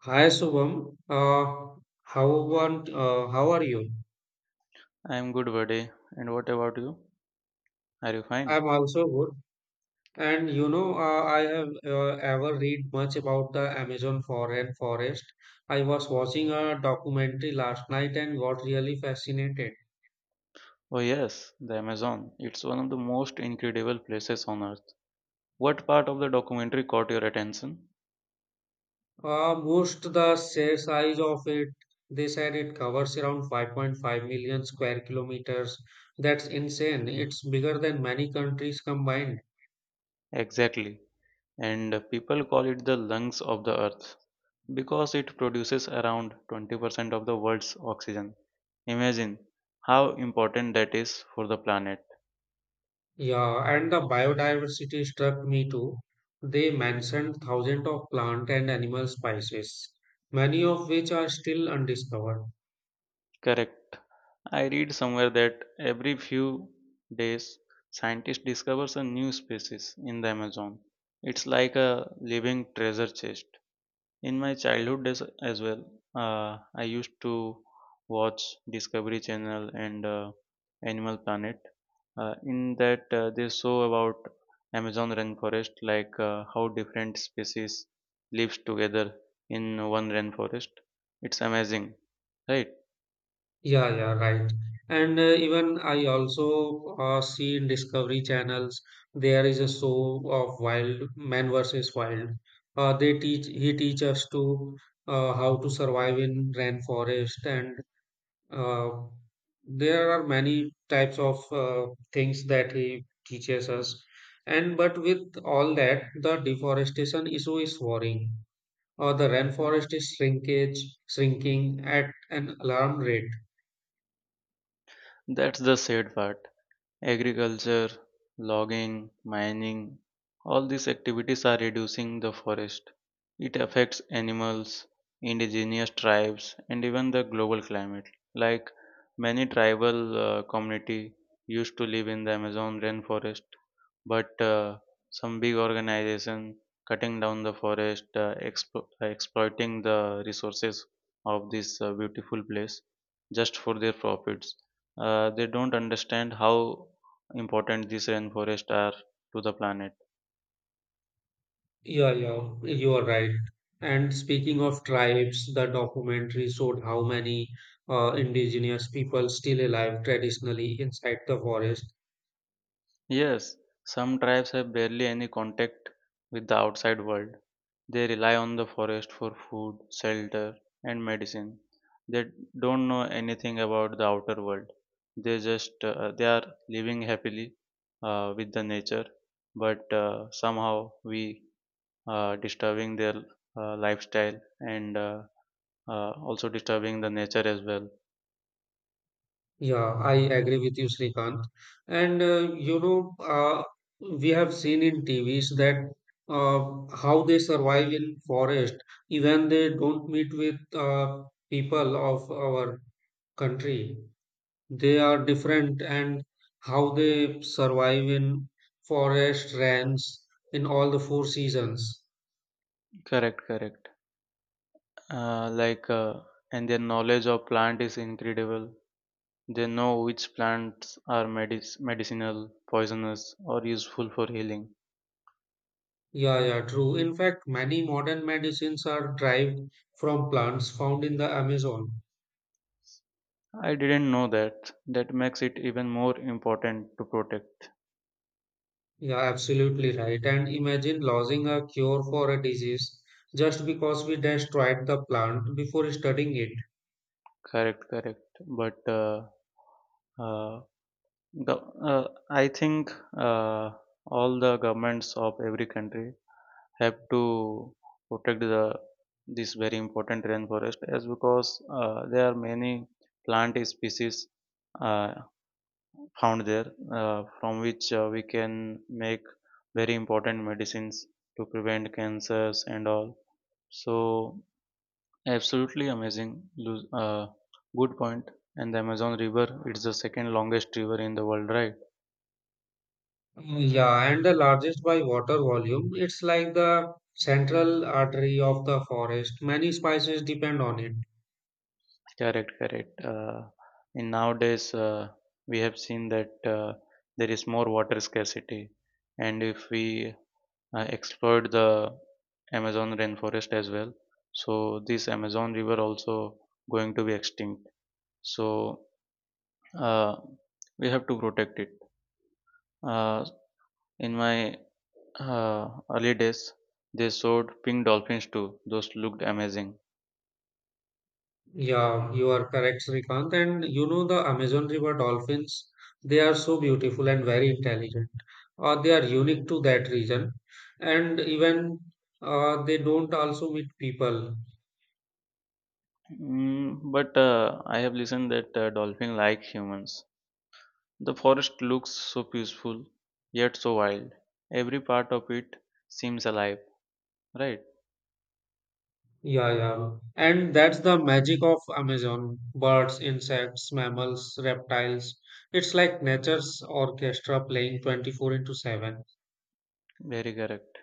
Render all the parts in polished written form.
Hi Shubham, how are you? I'm good, buddy. And what about you? Are you fine? I'm also good. I have ever read much about the Amazon foreign forest. I was watching a documentary last night and got really fascinated. Oh, yes, the Amazon. It's one of the most incredible places on earth. What part of the documentary caught your attention? Most the share size of it, they said it covers around 5.5 million square kilometers. That's insane. It's bigger than many countries combined. Exactly. And people call it the lungs of the earth because it produces around 20% of the world's oxygen. Imagine how important that is for the planet. Yeah, and the biodiversity struck me too. They mentioned thousands of plant and animal species, many of which are still undiscovered. Correct. I read somewhere that every few days scientists discovers a new species in the Amazon. It's like a living treasure chest. In my childhood days as well, I used to watch Discovery Channel and Animal Planet. In that, they show about Amazon rainforest, like how different species lives together in one rainforest. It's amazing, right? Yeah, yeah, right. And even I also see in Discovery channels there is a show of wild man versus wild. They teach he teach us to how to survive in rainforest and Uh, there are many types of things that he teaches us, and but with all that, the deforestation issue is worrying. Or the rainforest is shrinkage shrinking at an alarm rate. That's the sad part. Agriculture, logging, mining, all these activities are reducing the forest. It affects animals, indigenous tribes, and even the global climate. Like many tribal community used to live in the Amazon rainforest, but some big organization cutting down the forest, exploiting the resources of this beautiful place just for their profits. They don't understand how important these rainforests are to the planet. Yeah, yeah, you are right. And speaking of tribes, the documentary showed how many indigenous people still alive traditionally inside the forest. Yes, some tribes have barely any contact with the outside world. They rely on the forest for food, shelter, and medicine. They don't know anything about the outer world. They are living happily with the nature, but somehow we disturbing their lifestyle and also disturbing the nature as well. Yeah, I agree with you, Srikanth. And uh, you know, uh, we have seen in TVs that how they survive in forest, even they don't meet with people of our country. They are different, and how they survive in forest, rains, in all the four seasons. Correct, correct. Like, and their knowledge of plant is incredible. They know which plants are medicinal, poisonous, or useful for healing. Yeah, yeah, true. In fact, many modern medicines are derived from plants found in the Amazon. I didn't know that. That makes it even more important to protect Yeah, absolutely right. And imagine losing a cure for a disease just because we destroyed the plant before studying it. correct, correct, but uh, I think, uh, all the governments of every country have to protect the this very important rainforest as because there are many plant species uh, found there, from which we can make very important medicines to prevent cancers and all. So absolutely amazing. Lu- uh, Good point. And the Amazon river, it's the second longest river in the world, right? Mm, yeah, and the largest by water volume, it's like the central artery of the forest. Many species depend on it. Correct, correct. In nowadays, we have seen that there is more water scarcity, and if we exploit the Amazon rainforest as well, so this Amazon river also going to be extinct. So uh, we have to protect it. Uh, in my uh, early days, they showed pink dolphins too. Those looked amazing. Yeah, you are correct, Srikanth. And you know the Amazon River dolphins, they are so beautiful and very intelligent. They are unique to that region. And even they don't also meet people. Mm, but I have listened that dolphin like humans. The forest looks so peaceful, yet so wild. Every part of it seems alive, right? Yeah, yeah. And that's the magic of Amazon. Birds, insects, mammals, reptiles. It's like nature's orchestra playing 24 into 7. Very correct.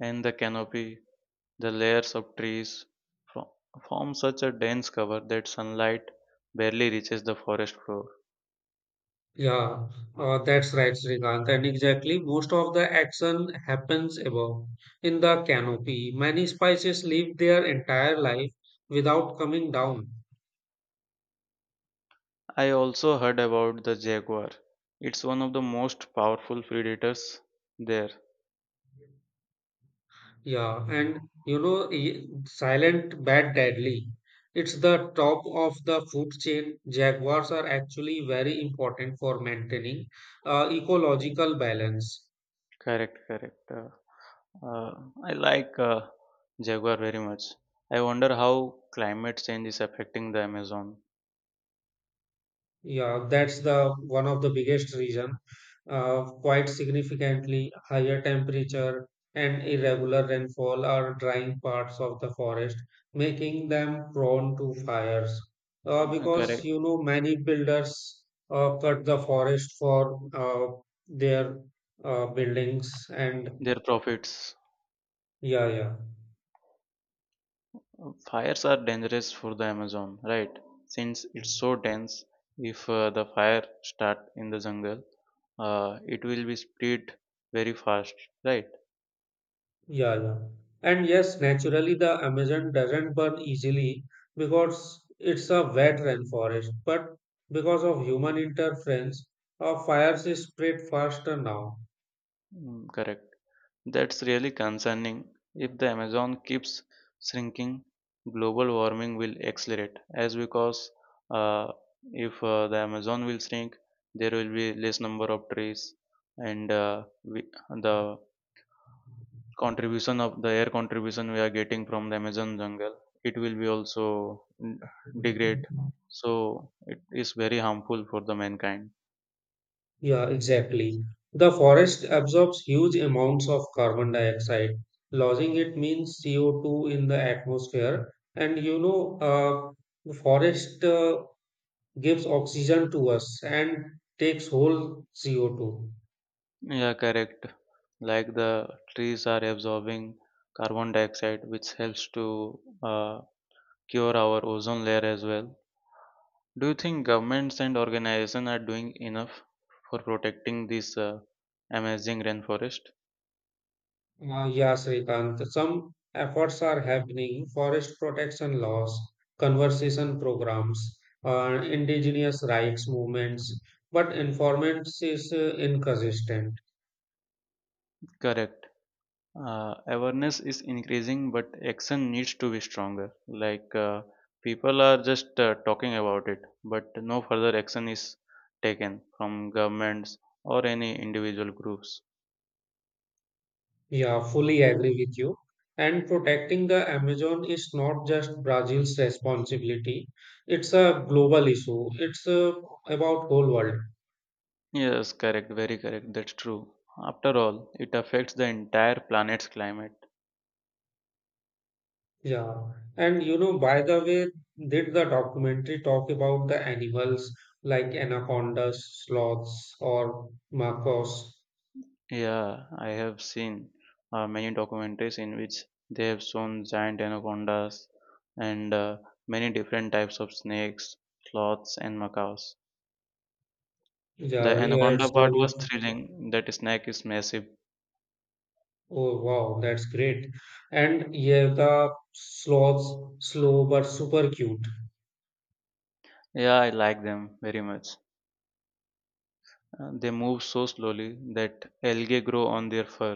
And the canopy, the layers of trees fro- form such a dense cover that sunlight barely reaches the forest floor. Yeah, that's right, Srikanth. And exactly, most of the action happens above in the canopy. Many species live their entire life without coming down. I also heard about the jaguar. It's one of the most powerful predators there. Yeah, and silent but deadly. It's the top of the food chain. Jaguars are actually very important for maintaining ecological balance. Correct, correct. Uh, I like jaguar very much. I wonder how climate change is affecting the Amazon. Yeah, that's the one of the biggest reason. Quite significantly higher temperature and irregular rainfall are drying parts of the forest, making them prone to fires. Because Correct. you know many builders cut the forest for their buildings and Their profits. yeah, yeah. Fires are dangerous for the Amazon, right? Since it's so dense, if the fire start in the jungle, it will be spread very fast, right? Yeah, yeah. And yes, naturally, the Amazon doesn't burn easily because it's a wet rainforest. But because of human interference, our fires is spread faster now. Mm, correct. That's really concerning. If the Amazon keeps shrinking, global warming will accelerate. As because uh, if the Amazon will shrink, there will be less number of trees, and we, the contribution of the air contribution we are getting from the Amazon jungle, it will be also degrade. So it is very harmful for the mankind. Yeah, exactly. The forest absorbs huge amounts of carbon dioxide. Losing it means CO2 in the atmosphere. The forest gives oxygen to us and takes whole CO2. Yeah, correct. Like the trees are absorbing carbon dioxide, which helps to cure our ozone layer as well. Do you think governments and organizations are doing enough for protecting this amazing rainforest? Yeah, Srikant, some efforts are happening. Forest protection laws, conservation programs, indigenous rights movements, but informants is inconsistent. Correct. Awareness is increasing, but action needs to be stronger. Like, people are just talking about it, but no further action is taken from governments or any individual groups. Yeah, fully agree with you. And protecting the Amazon is not just Brazil's responsibility. It's a global issue. It's about whole world. Yes, correct, very correct, that's true. After all, it affects the entire planet's climate. Yeah, and you know, by the way, did the documentary talk about the animals like anacondas, sloths, or macos? Yeah, I have seen many documentaries in which they have shown giant anacondas and many different types of snakes, sloths, and macaws. The Yeah, yeah, anaconda part was thrilling. That snake is massive. oh wow, that's great. And yeah, the sloths, slow but super cute. Yeah, I like them very much. They move so slowly that algae grow on their fur.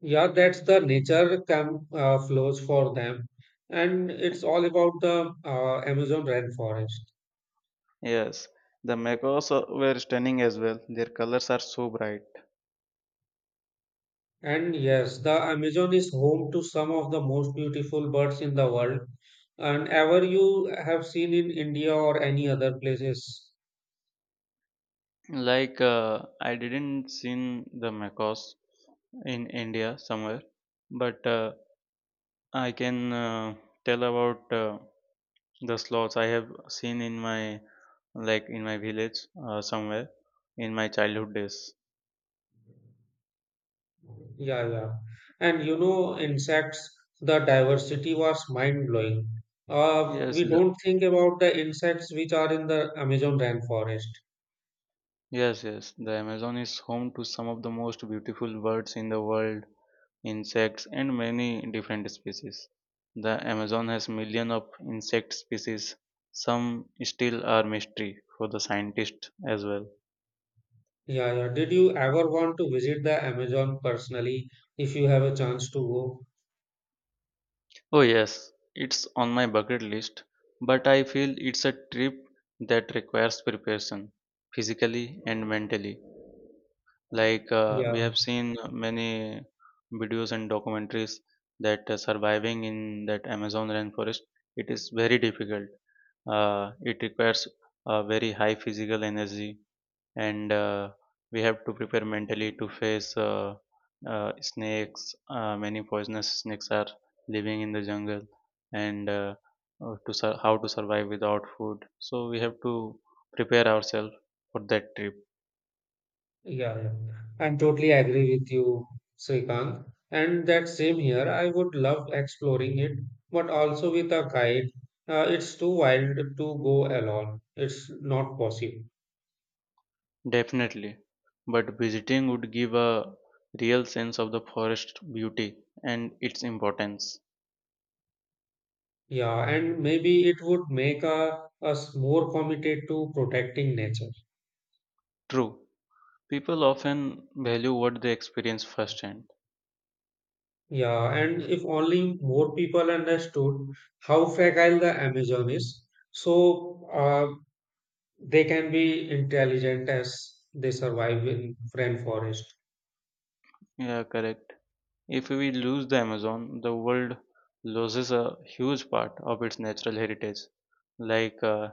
Yeah, that's the nature camouflage for them. And it's all about the Amazon rainforest. Yes, the macaws were stunning as well. Their colors are so bright. And yes, the Amazon is home to some of the most beautiful birds in the world, and ever you have seen in India or any other places. Like, I didn't seen the macaws in India somewhere, but I can tell about the sloths I have seen in my, like in my village somewhere in my childhood days. Yeah, yeah. And you know, insects, the diversity was mind-blowing. Yes, We the don't think about the insects which are in the Amazon rainforest. yes, yes, the Amazon is home to some of the most beautiful birds in the world, insects, and many different species. The Amazon has millions of insect species. Some still are mystery for the scientists as well. Yeah, yeah. Did you ever want to visit the Amazon personally if you have a chance to go? Oh, yes, it's on my bucket list, but I feel it's a trip that requires preparation, physically and mentally. Like, we Yeah. have seen many videos and documentaries that surviving in that Amazon rainforest, it is very difficult. It requires a very high physical energy, and we have to prepare mentally to face snakes. Many poisonous snakes are living in the jungle, and how to survive without food. So we have to prepare ourselves for that trip. Yeah, yeah. I'm totally agree with you, Srikant. And that same here, I would love exploring it, but also with a guide. It's too wild to go alone. It's not possible. Definitely, but visiting would give a real sense of the forest beauty and its importance. Yeah, and maybe it would make us more committed to protecting nature. True, people often value what they experience firsthand. Yeah, and if only more people understood how fragile the Amazon is, so they can be intelligent as they survive in rainforest. Yeah, correct. If we lose the Amazon, the world loses a huge part of its natural heritage. Like uh,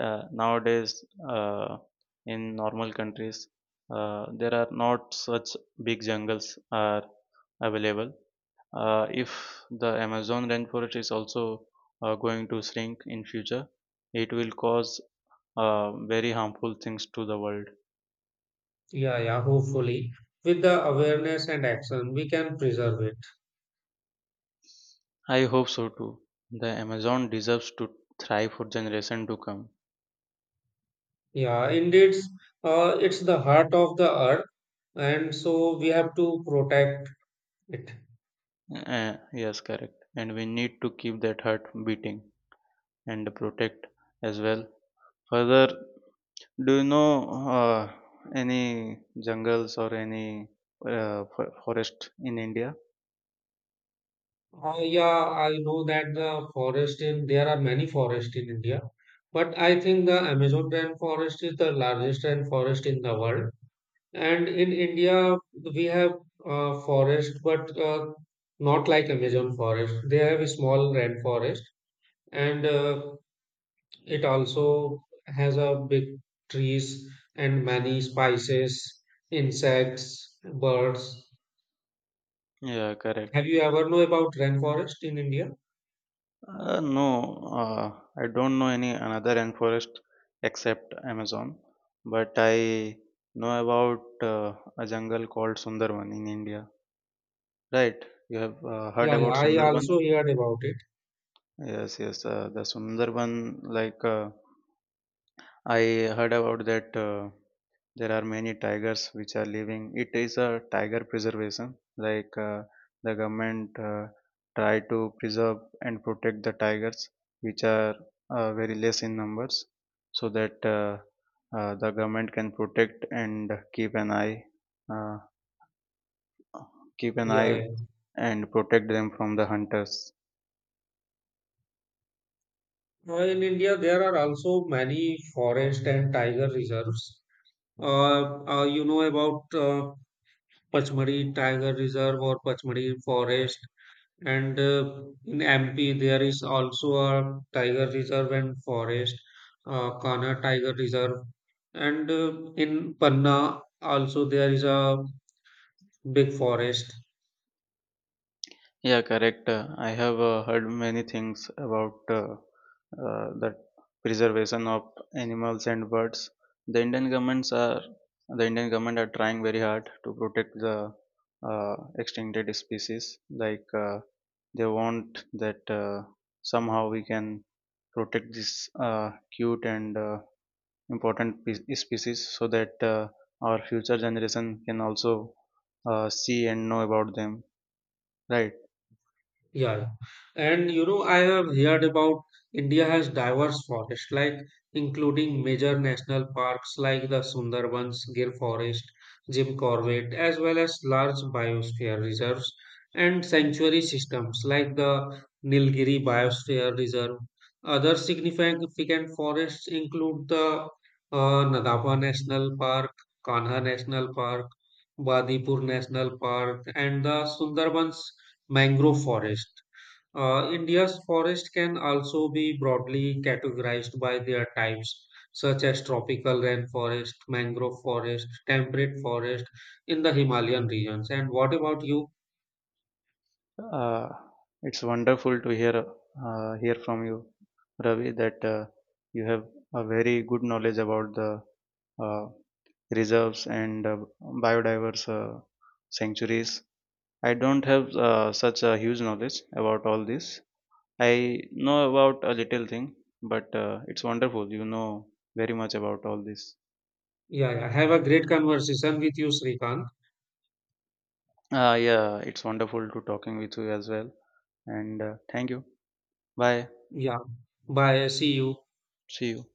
uh, nowadays, in normal countries, there are not such big jungles are available. If the Amazon rainforest is also going to shrink in future, it will cause very harmful things to the world. Yeah, yeah, hopefully. With the awareness and action, we can preserve it. I hope so too. The Amazon deserves to thrive for generation to come. Yeah, indeed, it's the heart of the earth, and so we have to protect it. Uh, yes, correct, and we need to keep that heart beating and protect as well further. Do you know uh, any jungles or any forest in India? Yeah, I know that there are many forests in India, but I think the Amazon rainforest is the largest rainforest in the world. And in India, we have forest, but not like Amazon forest. They have a small rainforest, and it also has a big trees and many spices, insects, birds. Yeah, Have correct. you ever know about rainforest in India? No, uh, I don't know any another rainforest except Amazon, but I know about a jungle called Sundarban in India. Right? You have heard Yeah, yeah, about I Sundarban? also heard about it. Yes, yes. The Sundarban, like, I heard about that. There are many tigers which are living. It is a tiger preservation. Like, the government try to preserve and protect the tigers which are very less in numbers, so that the government can protect and keep an eye, uh, keep an Yeah, eye yeah. and protect them from the hunters. In India, there are also many forest and tiger reserves. You know about Pachmadi Tiger Reserve or Pachmadi Forest. And in MP, there is also a tiger reserve and forest, Kana Tiger Reserve. And in Panna, also there is a big forest. Yeah, correct. I have heard many things about the preservation of animals and birds. The Indian governments are the Indian government are trying very hard to protect the uh, extincted species. Like, they want that somehow we can protect this cute and important species, so that our future generation can also see and know about them. Right. Yeah, yeah. And you know, I have heard about India has diverse forests, like including major national parks like the Sundarbans, Gir Forest, Jim Corbett as well as large biosphere reserves and sanctuary systems like the Nilgiri Biosphere Reserve. Other significant forests include the Nadapa National Park, Kanha National Park, Badipur National Park, and the Sundarbans. Mangrove forest. India's forest can also be broadly categorized by their types, such as tropical rainforest, mangrove forest, temperate forest in the Himalayan regions. And what about you? Uh, it's wonderful to hear hear from you, Ravi, that you have a very good knowledge about the uh, reserves and biodiverse sanctuaries. I don't have such a huge knowledge about all this. I know about a little thing, but it's wonderful. You know very much about all this. Yeah, yeah. Have a great conversation with you, Srikanth. Yeah, it's wonderful to talking with you as well. And thank you. Bye. Yeah. Bye. See you. See you.